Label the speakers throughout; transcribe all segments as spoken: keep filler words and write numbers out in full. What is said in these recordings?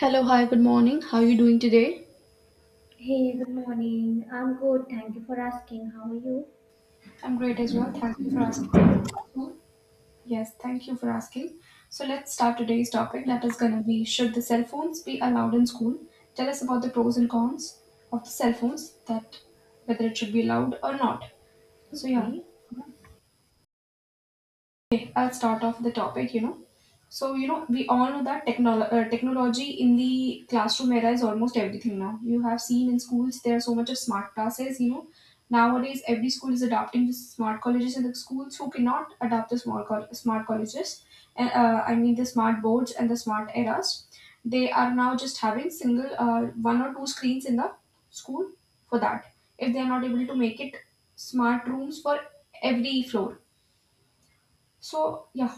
Speaker 1: Hello, hi, good morning. How are you doing today?
Speaker 2: Hey, good morning. I'm good. Thank you for asking. How are you?
Speaker 1: I'm great as well. Thank you for asking. So, yes, thank you for asking. So, let's start today's topic that is going to be, should the cell phones be allowed in school? Tell us about the pros and cons of the cell phones, that whether it should be allowed or not. So, yeah,
Speaker 2: Okay.
Speaker 1: I'll start off the topic, you know. So, you know, we all know that technolo- uh, technology in the classroom era is almost everything now. You have seen in schools there are so much of smart classes, you know. Nowadays, every school is adopting the smart colleges, and the schools who cannot adopt the small col- smart colleges, and uh, I mean the smart boards and the smart eras, they are now just having single uh, one or two screens in the school for that. If they are not able to make it smart rooms for every floor, so yeah,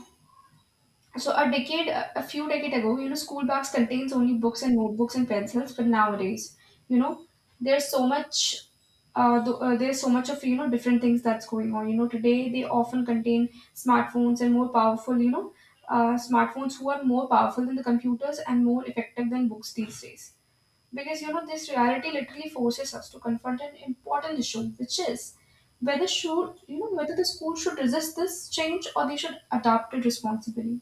Speaker 1: so a decade, a few decade ago, you know, school bags contains only books and notebooks and pencils. But nowadays, you know, there's so much, uh, th- uh, there's so much of, you know, different things that's going on. You know, today they often contain smartphones and more powerful, you know, uh, smartphones who are more powerful than the computers and more effective than books these days. Because, you know, this reality literally forces us to confront an important issue, which is whether, should, you know, whether the school should resist this change or they should adapt it responsibly.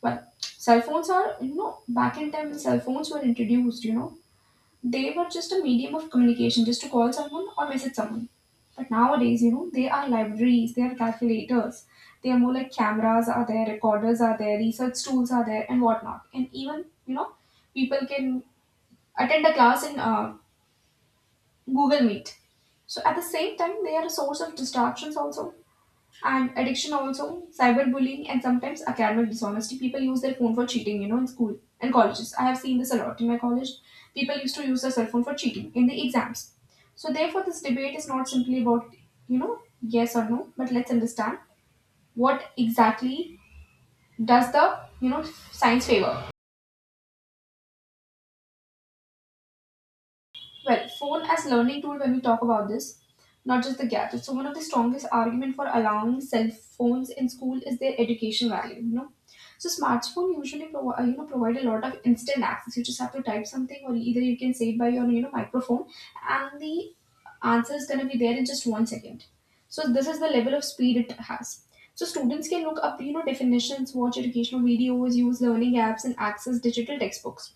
Speaker 1: But cell phones are, you know, back in time when cell phones were introduced, you know, they were just a medium of communication, just to call someone or message someone. But nowadays, you know, they are libraries, they are calculators, they are more like cameras are there, recorders are there, research tools are there, and whatnot. And even, you know, people can attend a class in uh, Google Meet. So at the same time, they are a source of distractions also. And addiction also, cyberbullying, and sometimes academic dishonesty. People use their phone for cheating, you know, in school and colleges. I have seen this a lot in my college. People used to use their cell phone for cheating in the exams. So, therefore, this debate is not simply about, you know, yes or no, but let's understand what exactly does the, you know, science favor. Well, phone as learning tool when we talk about this, not just the gadget. So one of the strongest argument for allowing cell phones in school is their education value, you know. So smartphone usually provi- uh, you know, provide a lot of instant access. You just have to type something, or either you can say it by your, you know, microphone, and the answer is going to be there in just one second. So this is the level of speed it has. So students can look up, you know, definitions, watch educational videos, use learning apps, and access digital textbooks.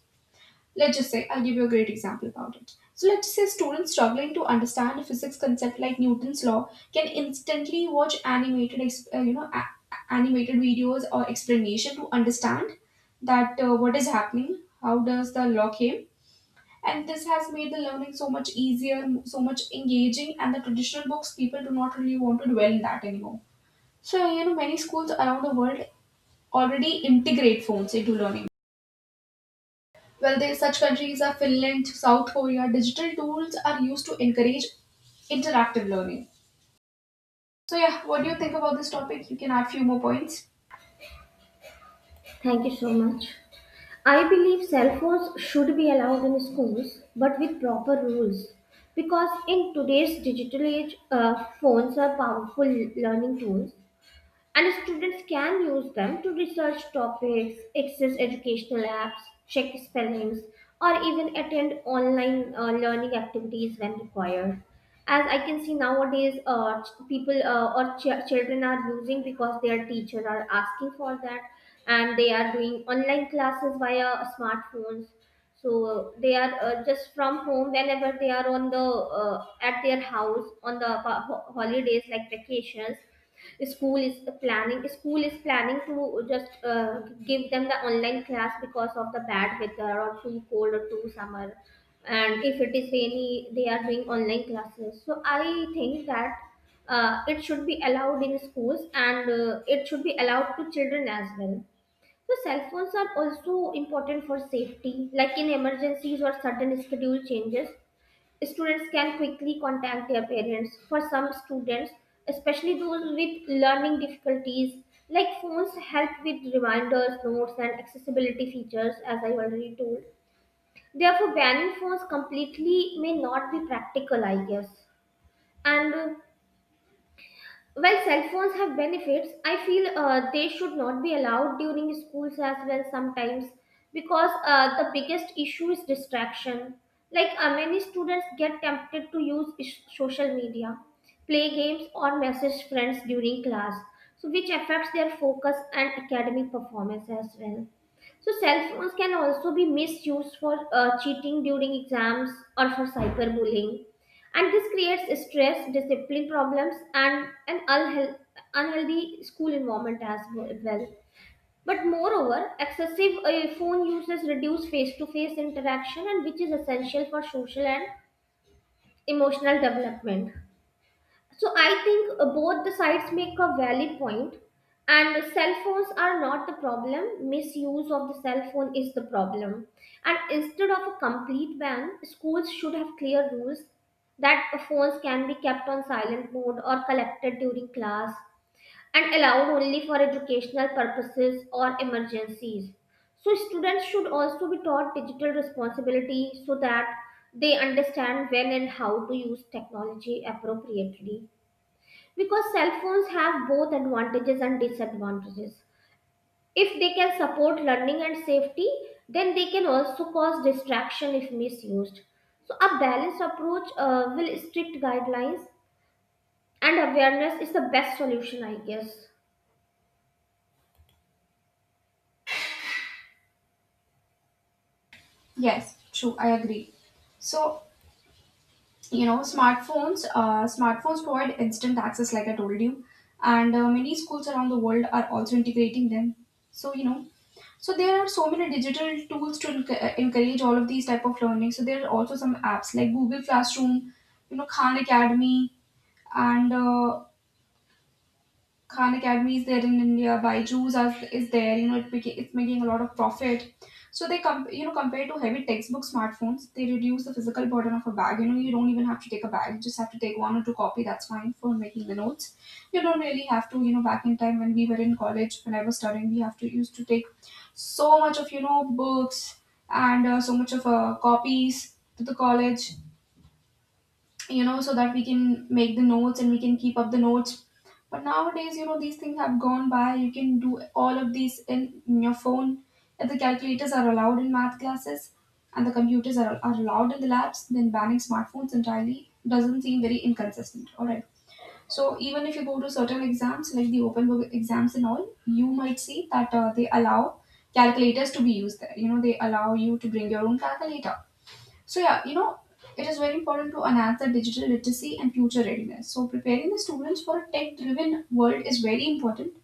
Speaker 1: Let's just say, I'll give you a great example about it. So, let's say students struggling to understand a physics concept like Newton's law can instantly watch animated, ex- uh, you know, a- a- animated videos or explanation to understand that uh, what is happening, how does the law came, and this has made the learning so much easier, so much engaging, and the traditional books people do not really want to dwell in that anymore. So, you know, many schools around the world already integrate phones into learning. Well, they, such countries are Finland, South Korea. Digital tools are used to encourage interactive learning. So, yeah, what do you think about this topic? You can add few more points.
Speaker 2: Thank you so much. I believe cell phones should be allowed in schools, but with proper rules. Because in today's digital age, uh, phones are powerful learning tools. And students can use them to research topics, access educational apps, check spellings, or even attend online uh, learning activities when required. As I can see nowadays, uh, ch- people uh, or ch- children are using because their teacher are asking for that, and they are doing online classes via smartphones. So they are uh, just from home whenever they are on the uh, at their house on the uh, ho- holidays like vacations, school is planning school is planning to just uh, give them the online class because of the bad weather or too cold or too summer, and if it is rainy they are doing online classes. So I think that uh, it should be allowed in schools and uh, it should be allowed to children as well. So cell phones are also important for safety, like in emergencies or sudden schedule changes. Students can quickly contact their parents. For some students, especially those with learning difficulties, like, phones help with reminders, notes, and accessibility features, as I already told. Therefore, banning phones completely may not be practical, I guess. And uh, while cell phones have benefits, I feel uh, they should not be allowed during schools as well sometimes, because uh, the biggest issue is distraction. Like, uh, many students get tempted to use ish- social media, play games, or message friends during class, so which affects their focus and academic performance as well. So cell phones can also be misused for uh, cheating during exams or for cyberbullying, and this creates stress, discipline problems, and an unheal- unhealthy school environment as w- well. But moreover, excessive uh, phone uses reduce face to face interaction, and which is essential for social and emotional development. So I think uh, both the sides make a valid point, and cell phones are not the problem. Misuse of the cell phone is the problem, and instead of a complete ban, schools should have clear rules that phones can be kept on silent mode or collected during class and allowed only for educational purposes or emergencies. So students should also be taught digital responsibility so that they understand when and how to use technology appropriately, because cell phones have both advantages and disadvantages. If they can support learning and safety, then they can also cause distraction if misused. So, a balanced approach uh, will strict guidelines and awareness is the best solution, I guess.
Speaker 1: Yes, true, I agree. So, you know, smartphones, uh, smartphones provide instant access, like I told you, and uh, many schools around the world are also integrating them. So, you know, so there are so many digital tools to enc- uh, encourage all of these type of learning. So there are also some apps like Google Classroom, you know, Khan Academy, and uh, Khan Academy is there in India, Byju's are, is there, you know, it beca- it's making a lot of profit. So they com, you know, compared to heavy textbook smartphones, they reduce the physical burden of a bag. You know, you don't even have to take a bag; you just have to take one or two copy. That's fine for making the notes. You don't really have to, you know, back in time when we were in college, when I was studying, we have to used to take so much of, you know, books and uh, so much of uh, copies to the college, you know, so that we can make the notes and we can keep up the notes. But nowadays, you know, these things have gone by. You can do all of these in, in your phone. If the calculators are allowed in math classes and the computers are, are allowed in the labs, then banning smartphones entirely doesn't seem very inconsistent. All right. So even if you go to certain exams, like the open book exams and all, you might see that uh, they allow calculators to be used there. You know, they allow you to bring your own calculator. So, yeah, you know, it is very important to enhance the digital literacy and future readiness. So, preparing the students for a tech driven world is very important.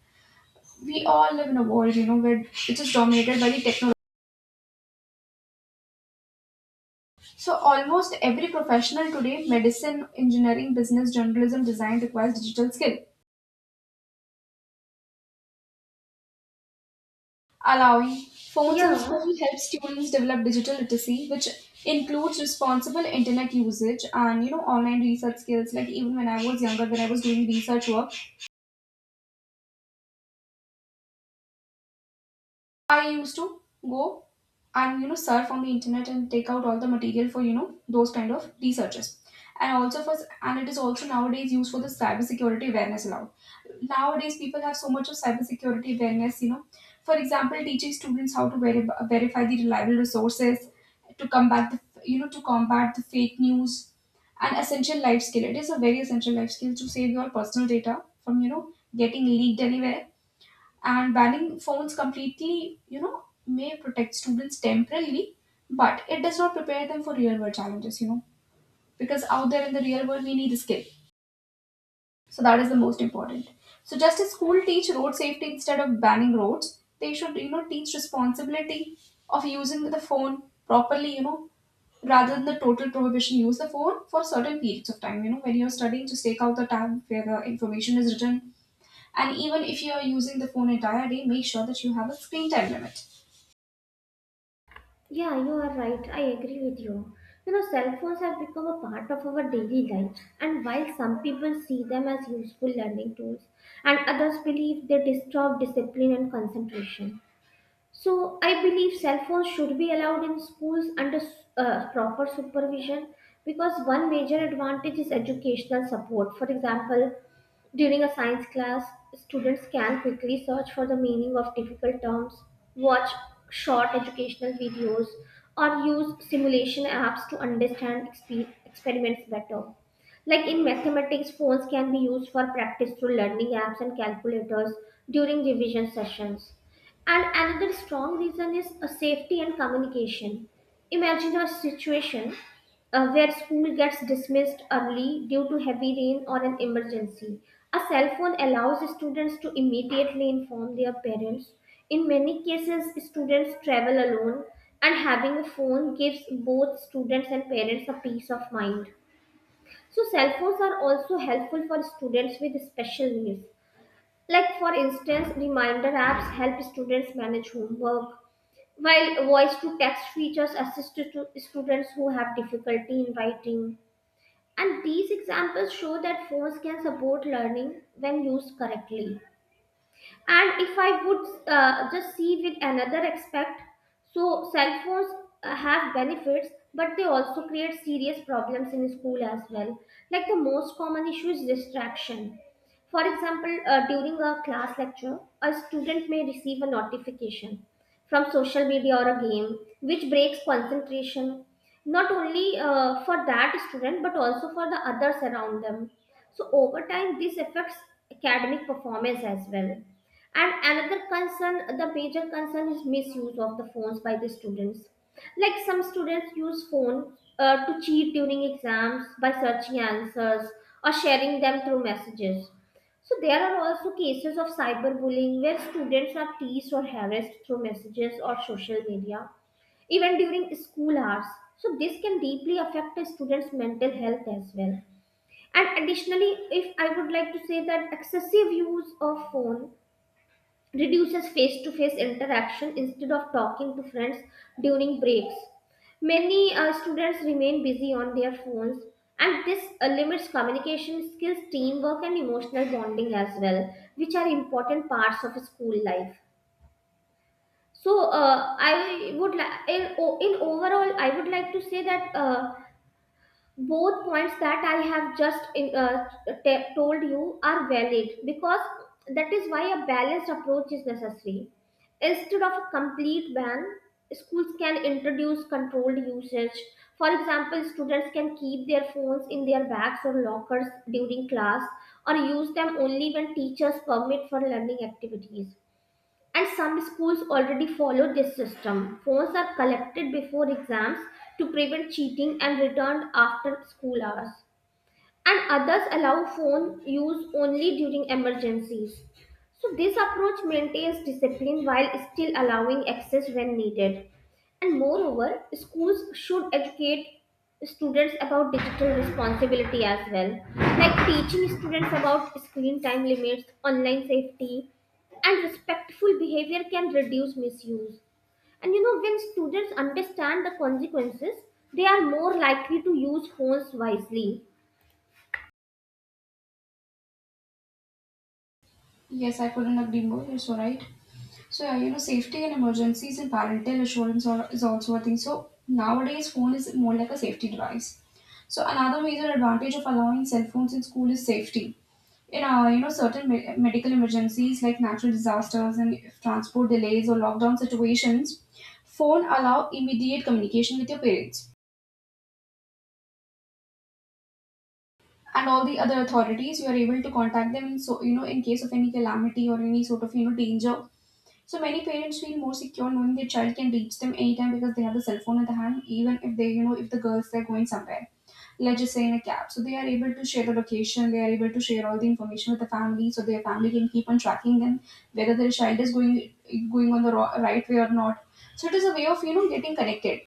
Speaker 1: We all live in a world, you know, where it is dominated by the technology. So, almost every professional today, medicine, engineering, business, journalism, design, requires digital skill. Allowing phones in school
Speaker 2: Yeah,
Speaker 1: helps students develop digital literacy, which includes responsible internet usage and, you know, online research skills. Like even when I was younger, when I was doing research work, I used to go and, you know, surf on the internet and take out all the material for, you know, those kind of researches. And also for, and it is also nowadays used for the cybersecurity awareness allowed. Nowadays people have so much of cybersecurity awareness, you know, for example, teaching students how to veri- verify the reliable resources, to combat the, you know, to combat the fake news. An essential life skill, it is a very essential life skill to save your personal data from, you know, getting leaked anywhere. And banning phones completely, you know, may protect students temporarily, but it does not prepare them for real world challenges, you know, because out there in the real world we need a skill. So that is the most important. So just as school teach road safety instead of banning roads, they should, you know, teach responsibility of using the phone properly, you know, rather than the total prohibition. Use the phone for certain periods of time, you know, when you're studying just take out the tab where the information is written, and even if you are using the phone entire day, make sure that you have a screen time limit.
Speaker 2: yeah, you are right. I agree with you. You know, cell phones have become a part of our daily life, and while some people see them as useful learning tools, and others believe they disturb discipline and concentration. So I believe cell phones should be allowed in schools under uh, proper supervision, because one major advantage is educational support. For example, during a science class, students can quickly search for the meaning of difficult terms, watch short educational videos, or use simulation apps to understand expe- experiments better. Like in mathematics, phones can be used for practice through learning apps and calculators during revision sessions. And another strong reason is a safety and communication. Imagine a situation uh, where school gets dismissed early due to heavy rain or an emergency. A cell phone allows students to immediately inform their parents. In many cases, students travel alone, and having a phone gives both students and parents a peace of mind. So, cell phones are also helpful for students with special needs. Like, for instance, reminder apps help students manage homework, while voice to text features assist to students who have difficulty in writing. And these examples show that phones can support learning when used correctly. And if I would uh, just see with another aspect, so cell phones uh, have benefits, but they also create serious problems in school as well. Like the most common issue is distraction. For example, uh, during a class lecture, a student may receive a notification from social media or a game, which breaks concentration, not only uh, for that student but also for the others around them. So over time this affects academic performance as well. And another concern, the major concern, is misuse of the phones by the students. Like, some students use phone uh, to cheat during exams by searching answers or sharing them through messages. So there are also cases of cyberbullying where students are teased or harassed through messages or social media, even during school hours. So this can deeply affect a student's mental health as well. And additionally, if I would like to say that excessive use of phone reduces face to face interaction. Instead of talking to friends during breaks, many uh, students remain busy on their phones, and this uh, limits communication skills, teamwork, and emotional bonding as well, which are important parts of school life. So, uh, I would like in, o- in overall, I would like to say that. Uh, both points that I have just in, uh, t- told you are valid, because that is why a balanced approach is necessary. Instead of a complete ban, schools can introduce controlled usage. For example, students can keep their phones in their bags or lockers during class, or use them only when teachers permit for learning activities. And some schools already follow this system. Phones are collected before exams to prevent cheating and returned after school hours, and others allow phone use only during emergencies. So, this approach maintains discipline while still allowing access when needed. And moreover, schools should educate students about digital responsibility as well, like teaching students about screen time limits, online safety, and respectful behavior can reduce misuse. And you know, when students understand the consequences, they are more likely to use phones wisely.
Speaker 1: Yes, I couldn't agree more. You're so right. So yeah, you know, safety and emergencies and parental assurance are, is also a thing. So nowadays, phone is more like a safety device. So another major advantage of allowing cell phones in school is safety. In uh, you know, certain me- medical emergencies like natural disasters and transport delays or lockdown situations, phone allow immediate communication with your parents and all the other authorities. You are able to contact them in, so you know, in case of any calamity or any sort of, you know, danger. So many parents feel more secure knowing their child can reach them anytime because they have the cell phone at the hand. Even if they, you know, if the girls they're going somewhere, let's just say in a cab, so they are able to share the location, they are able to share all the information with the family, so their family can keep on tracking them, whether their child is going, going on the ro- right way or not. So it is a way of, you know, getting connected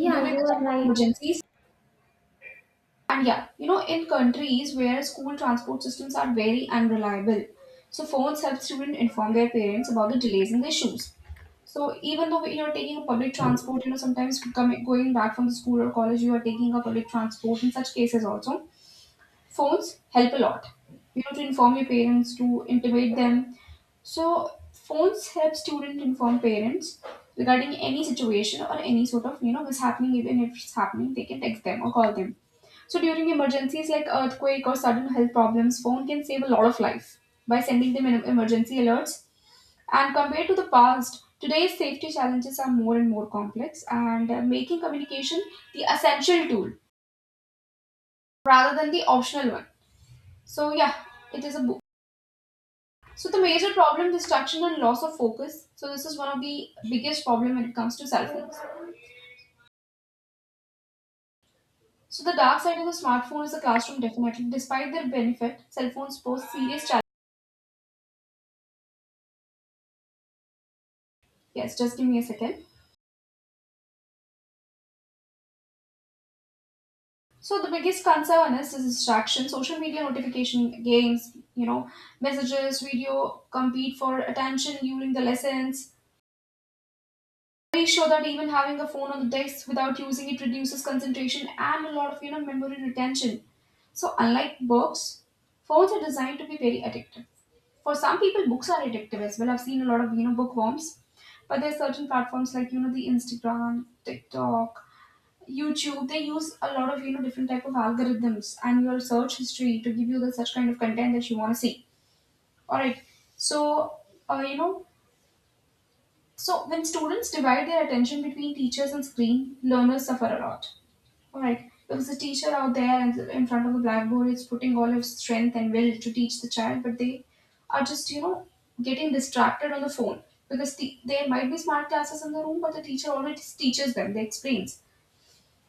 Speaker 1: during
Speaker 2: you
Speaker 1: the
Speaker 2: are
Speaker 1: time of
Speaker 2: right.
Speaker 1: emergencies. And yeah, you know, in countries where school transport systems are very unreliable, so phones help students inform their parents about the delays in their shoes. So even though, you know, taking a public transport, you know, sometimes coming going back from the school or college, you are taking a public transport in such cases also. Phones help a lot. You know, to inform your parents, to intimate them. So phones help student inform parents regarding any situation or any sort of, you know, what's happening. Even if it's happening, they can text them or call them. So during emergencies like earthquake or sudden health problems, phone can save a lot of life by sending them em- emergency alerts. And compared to the past, today's safety challenges are more and more complex and uh, making communication the essential tool rather than the optional one. So yeah, it is a book. So the major problem distraction and loss of focus. So this is one of the biggest problem when it comes to cell phones. So the dark side of the smartphone is the classroom definitely. Despite their benefit, cell phones pose serious challenges. Yes, just give me a second. So the biggest concern is this distraction, social media notification, games, you know, messages, video compete for attention during the lessons. Studies show that even having a phone on the desk without using it reduces concentration and a lot of you know memory retention. So unlike books, phones are designed to be very addictive. For some people, books are addictive as well. I've seen a lot of you know bookworms, but there are certain platforms like you know the Instagram, TikTok, YouTube. They use a lot of you know different type of algorithms and your search history to give you the such kind of content that you want to see. All right, so uh, you know so when students divide their attention between teachers and screen, learners suffer a lot. All right, because the teacher out there and in front of the blackboard is putting all his strength and will to teach the child, but they are just you know getting distracted on the phone because the, there might be smart classes in the room, but the teacher already teaches them. They explains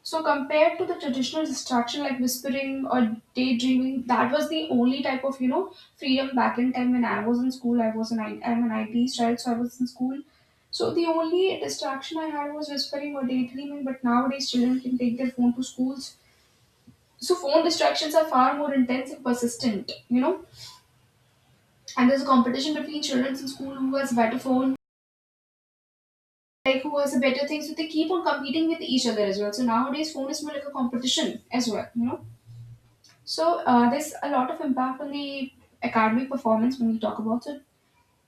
Speaker 1: so compared to the traditional distraction like whispering or daydreaming, that was the only type of you know freedom back in time when I was in school. I was an I I'm an I T child, so I was in school. So the only distraction I had was whispering or daydreaming. But nowadays, children can take their phone to schools. So phone distractions are far more intense and persistent. You know, and there's a competition between children in school who has better phone, like who has a better thing. So they keep on competing with each other as well. So nowadays, phone is more like a competition as well. You know. So uh, there's a lot of impact on the academic performance when we talk about it.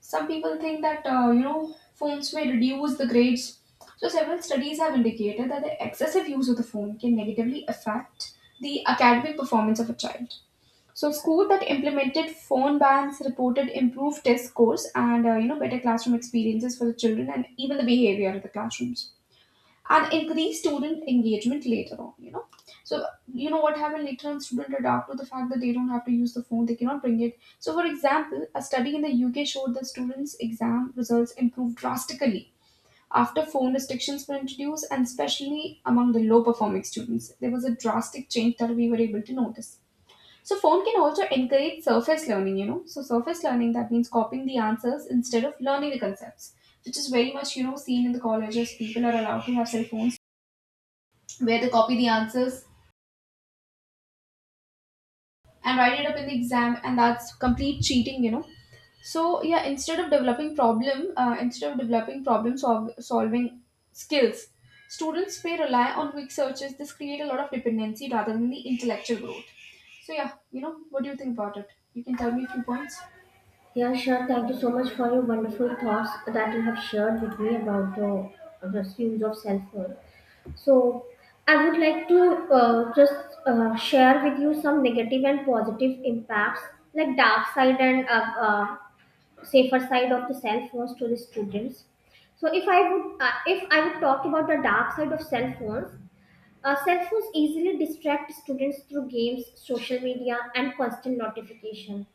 Speaker 1: Some people think that uh, you know phones may reduce the grades. So several studies have indicated that the excessive use of the phone can negatively affect the academic performance of a child. So schools that implemented phone bans reported improved test scores and uh, you know better classroom experiences for the children and even the behavior of the classrooms and increase student engagement later on. You know, so you know what happened later on? Students adapt to the fact that they don't have to use the phone, they cannot bring it. So for example, a study in the UK showed that students exam results improved drastically after phone restrictions were introduced, and especially among the low performing students there was a drastic change that we were able to notice. So phone can also encourage surface learning, you know so surface learning that means copying the answers instead of learning the concepts, which is very much you know seen in the colleges. People are allowed to have cell phones where they copy the answers and write it up in the exam, and that's complete cheating, you know so yeah, instead of developing problem uh, instead of developing problem sol- solving skills, students may rely on quick searches. This create a lot of dependency rather than the intellectual growth. So yeah, you know what do you think about it? You can tell me a few points.
Speaker 2: Yeah, sure. Thank you so much for your wonderful thoughts that you have shared with me about the the use of cell phone. So, I would like to uh, just uh, share with you some negative and positive impacts, like dark side and uh, uh, safer side of the cell phones to the students. So, if I would, uh, if I would talk about the dark side of cell phones, Uh, cell phones easily distract students through games, social media, and constant notification.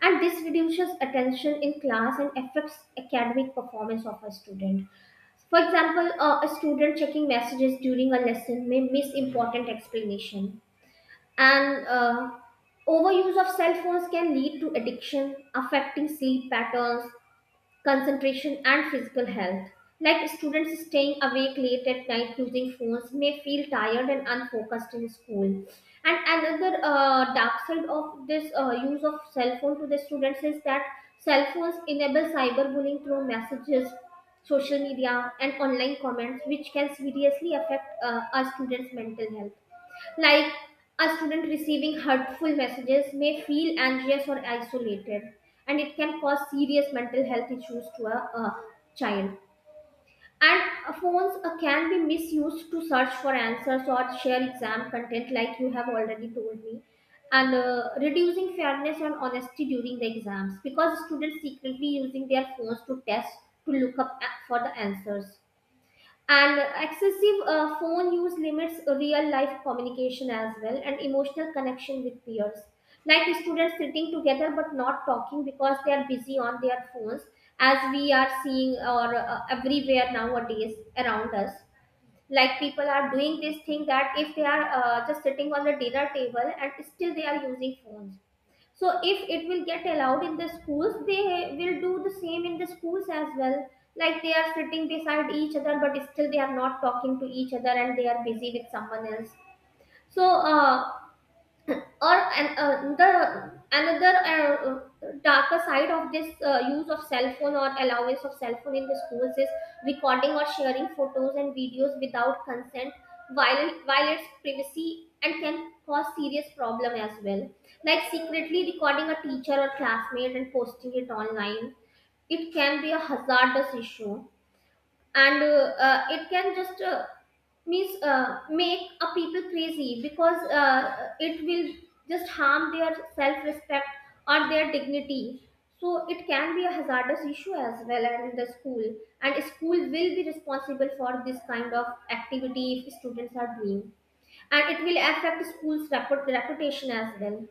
Speaker 2: And this reduces attention in class and affects academic performance of a student. For example, uh, a student checking messages during a lesson may miss important explanation. And uh, overuse of cell phones can lead to addiction, affecting sleep patterns, concentration, and physical health. Like, students staying awake late at night using phones may feel tired and unfocused in school. And another uh, dark side of this uh, use of cell phone to the students is that cell phones enable cyberbullying through messages, social media, and online comments, which can seriously affect uh, our students' mental health. Like, a student receiving hurtful messages may feel anxious or isolated, and it can cause serious mental health issues to a, a child. And uh, phones uh, can be misused to search for answers or share exam content, like you have already told me, and uh, reducing fairness and honesty during the exams, because students secretly using their phones to test, to look up a- for the answers. And excessive uh, phone use limits real life communication as well, and emotional connection with peers. Like, students sitting together but not talking because they are busy on their phones, as we are seeing or uh, everywhere nowadays around us. Like, people are doing this thing that if they are uh, just sitting on the dinner table and still they are using phones, so if it will get allowed in the schools, they will do the same in the schools as well. Like, they are sitting beside each other but still they are not talking to each other and they are busy with someone else. So uh, or an, uh, the another uh, darker side of this uh, use of cell phone or allowance of cell phone in the schools is recording or sharing photos and videos without consent, while violates privacy and can cause serious problem as well. Like, secretly recording a teacher or classmate and posting it online, it can be a hazardous issue. And uh, uh, it can just uh, means uh, make a people crazy, because uh, it will just harm their self-respect or their dignity. So it can be a hazardous issue as well, and in the school, and school will be responsible for this kind of activity if students are doing, and it will affect school's reput- reputation as well.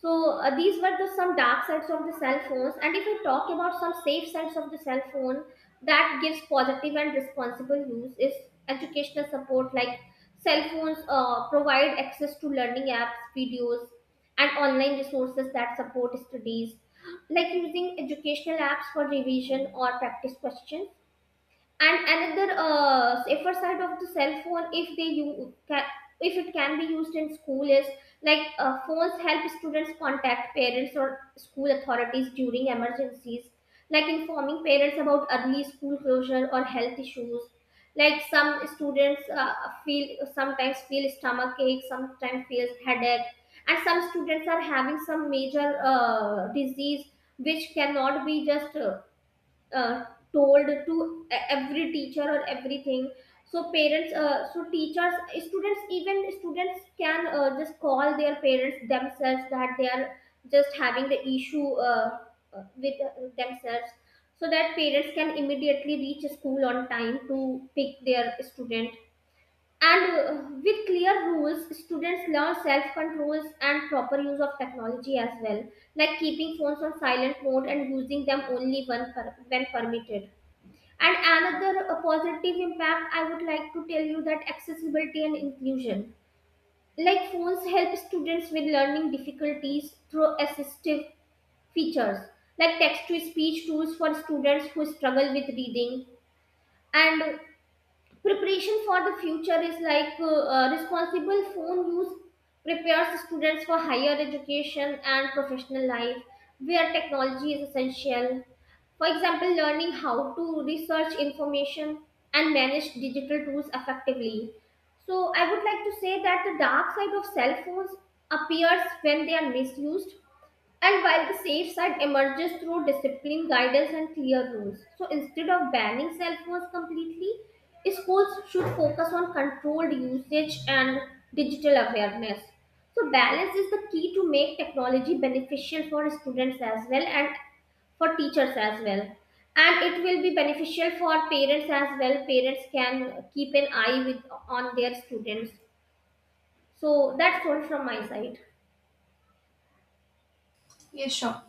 Speaker 2: So uh, these were the some dark sides of the cell phones. And if I talk about some safe sides of the cell phone that gives positive and responsible use, is educational support, like cell phones uh, provide access to learning apps, videos, and online resources that support studies, like using educational apps for revision or practice questions. And another uh, safer side of the cell phone, if they you can, if it can be used in school is, like, uh, phones help students contact parents or school authorities during emergencies, like informing parents about early school closure or health issues. Like, some students uh, feel, sometimes feel stomach ache, sometimes feels headache, and some students are having some major uh, disease which cannot be just uh, uh, told to e- every teacher or everything. So parents, uh, so teachers, students, even students can uh, just call their parents themselves that they are just having the issue uh, uh, with uh, themselves, so that parents can immediately reach school on time to pick their student. And uh, with clear rules, students learn self controls and proper use of technology as well, like keeping phones on silent mode and using them only when, per- when permitted. And another uh, positive impact I would like to tell you that accessibility and inclusion. Like, phones help students with learning difficulties through assistive features, like text to speech tools for students who struggle with reading. And preparation for the future is, like, uh, uh, responsible phone use prepares students for higher education and professional life where technology is essential. For example, learning how to research information and manage digital tools effectively. So, I would like to say that the dark side of cell phones appears when they are misused, and while the safe side emerges through discipline, guidance, and clear rules. So instead of banning cell phones completely, schools should focus on controlled usage and digital awareness. So balance is the key to make technology beneficial for students as well and for teachers as well. And it will be beneficial for parents as well. Parents can keep an eye with on their students. So that's all from my side.
Speaker 1: Yes, sure.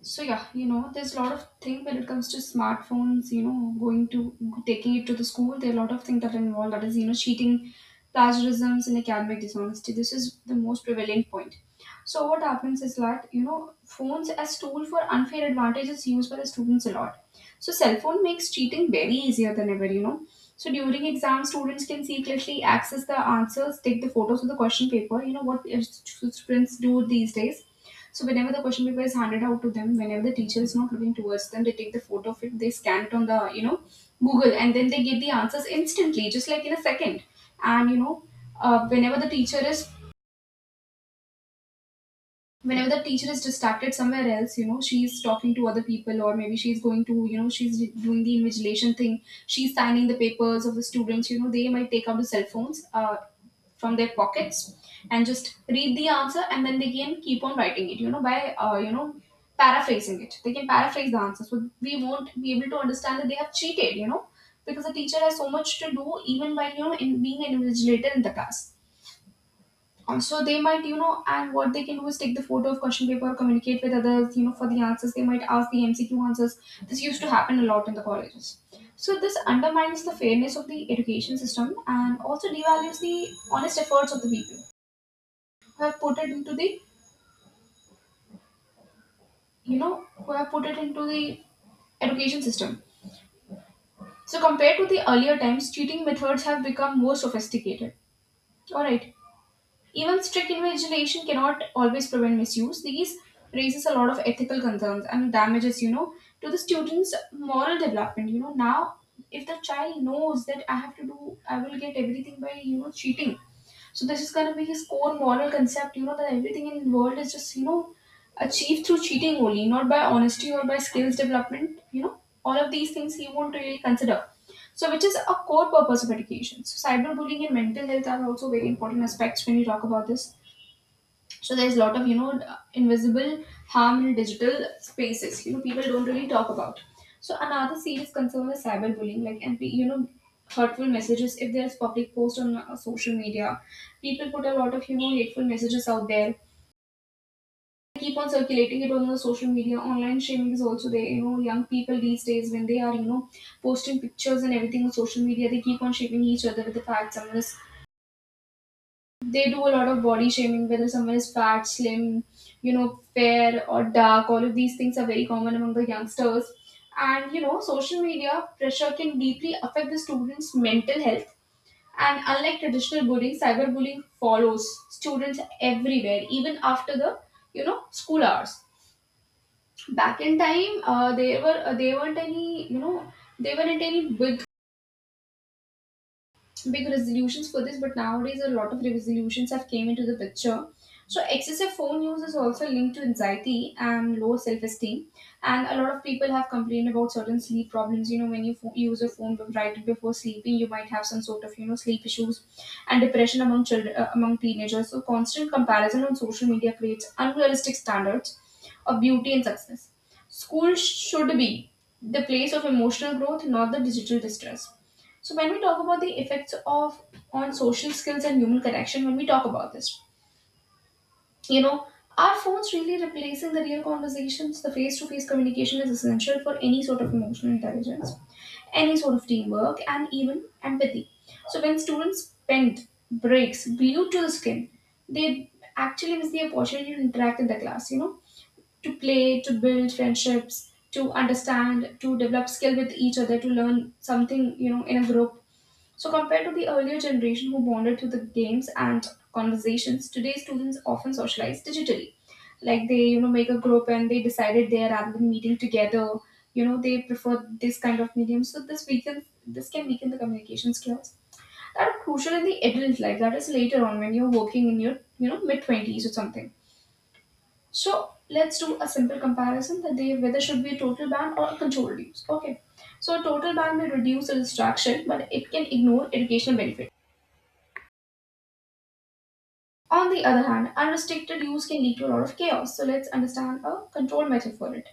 Speaker 1: So yeah, you know, there's a lot of thing when it comes to smartphones. You know, going to taking it to the school. There are a lot of things that are involved. That is, you know, cheating, plagiarisms, and academic dishonesty. This is the most prevalent point. So what happens is that you know, phones as tool for unfair advantage is used by the students a lot. So cell phone makes cheating very easier than ever. You know. So during exams, students can secretly access the answers, take the photos of the question paper. You know what students do these days? So whenever the question paper is handed out to them, whenever the teacher is not looking towards them, they take the photo of it, they scan it on the you know Google, and then they get the answers instantly, just like in a second. And you know, uh, whenever the teacher is whenever the teacher is distracted somewhere else, you know, she's talking to other people, or maybe she's going to, you know she's doing the invigilation thing, she's signing the papers of the students. You know, they might take out the cell phones uh, from their pockets and just read the answer, and then they can keep on writing it, you know, by uh, you know paraphrasing it. They can paraphrase the answer, so we won't be able to understand that they have cheated, you know, because the teacher has so much to do even by you know in being an invigilator in the class. Uh, so they might, you know and what they can do is take the photo of question paper, communicate with others, you know, for the answers. They might ask the MCQ answers. This used to happen a lot in the colleges. So this undermines the fairness of the education system and also devalues the honest efforts of the people who have put it into the, you know who have put it into the education system. So compared to the earlier times, cheating methods have become more sophisticated. All right. Even strict invigilation cannot always prevent misuse. These raises a lot of ethical concerns and damages, you know, to the student's moral development. You know, now if the child knows that I have to do, I will get everything by, you know, cheating. So this is gonna be his core moral concept, you know, that everything in the world is just, you know, achieved through cheating only, not by honesty or by skills development, you know. All of these things he won't really consider. So, which is a core purpose of education. So, cyberbullying and mental health are also very important aspects when you talk about this. So, there's a lot of you know invisible harm in digital spaces. You know, people don't really talk about. So, another serious concern is cyberbullying, like, and you know, hurtful messages. If there's public post on uh, social media, people put a lot of you know hateful messages out there, keep on circulating it on the social media. Online shaming is also there. You know, young people these days, when they are, you know, posting pictures and everything on social media, they keep on shaming each other with the fact someone is, they do a lot of body shaming, whether someone is fat, slim, you know, fair or dark. All of these things are very common among the youngsters. And you know, social media pressure can deeply affect the students mental health, and unlike traditional bullying, cyberbullying follows students everywhere, even after the, you know school hours. Back in time, uh, there were uh, there weren't any, you know they weren't any big big resolutions for this, but nowadays a lot of resolutions have came into the picture. So excessive phone use is also linked to anxiety and low self-esteem, and a lot of people have complained about certain sleep problems. You know, when you pho- use a phone right before sleeping, you might have some sort of you know sleep issues and depression among children, uh, among teenagers. So constant comparison on social media creates unrealistic standards of beauty and success. School should be the place of emotional growth, not the digital distress. So when we talk about the effects of on social skills and human connection, when we talk about this, you know, are phones really replacing the real conversations? The face-to-face communication is essential for any sort of emotional intelligence, any sort of teamwork, and even empathy. So when students spend breaks glued to the screen, they actually miss the opportunity to interact in the class. You know, to play, to build friendships, to understand, to develop skill with each other, to learn something. You know, in a group, so, compared to the earlier generation who bonded through the games and conversations, today students often socialize digitally. Like they, you know, make a group and they decided there rather than meeting together. You know, they prefer this kind of medium. So this weakens, this can weaken the communication skills that are crucial in the adult life. That is later on when you're working in your, you know, mid twenties or something. So let's do a simple comparison that they whether should be a total ban or a controlled use. Okay. So a total ban may reduce the distraction, but it can ignore educational benefits. On the other hand, unrestricted use can lead to a lot of chaos, so let's understand a control method for it.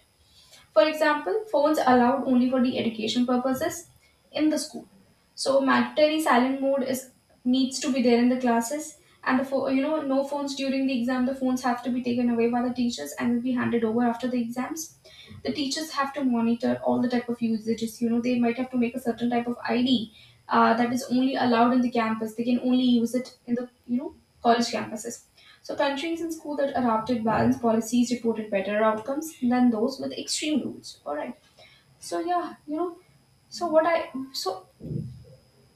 Speaker 1: For example, phones allowed only for the education purposes in the school. So mandatory silent mode is needs to be there in the classes, and the pho- you know no phones during the exam. The phones have to be taken away by the teachers and will be handed over after the exams. The teachers have to monitor all the type of usages. You know, they might have to make a certain type of I D uh, that is only allowed in the campus. They can only use it in the you know college campuses. So, countries and schools that adopted balanced policies reported better outcomes than those with extreme rules. All right. So yeah, you know. So what I so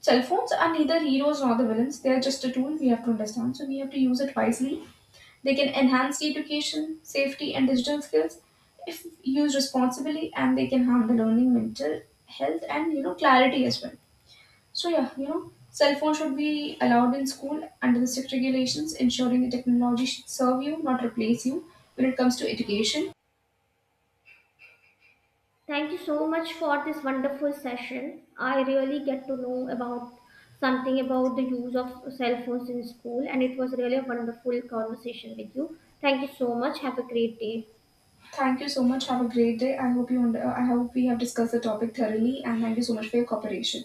Speaker 1: cell phones are neither heroes nor the villains. They are just a tool we have to understand. So we have to use it wisely. They can enhance the education, safety, and digital skills if used responsibly, and they can harm the learning, mental health, and you know clarity as well. So yeah, you know, cell phone should be allowed in school under the strict regulations, ensuring the technology should serve you, not replace you. When it comes to education,
Speaker 2: Thank you so much for this wonderful session. I really get to know about something about the use of cell phones in school, and it was really a wonderful conversation with you. Thank you so much. Have a great day.
Speaker 1: thank you so much. Have a great day. I hope you. und- uh, I hope we have discussed the topic thoroughly, and thank you so much for your cooperation.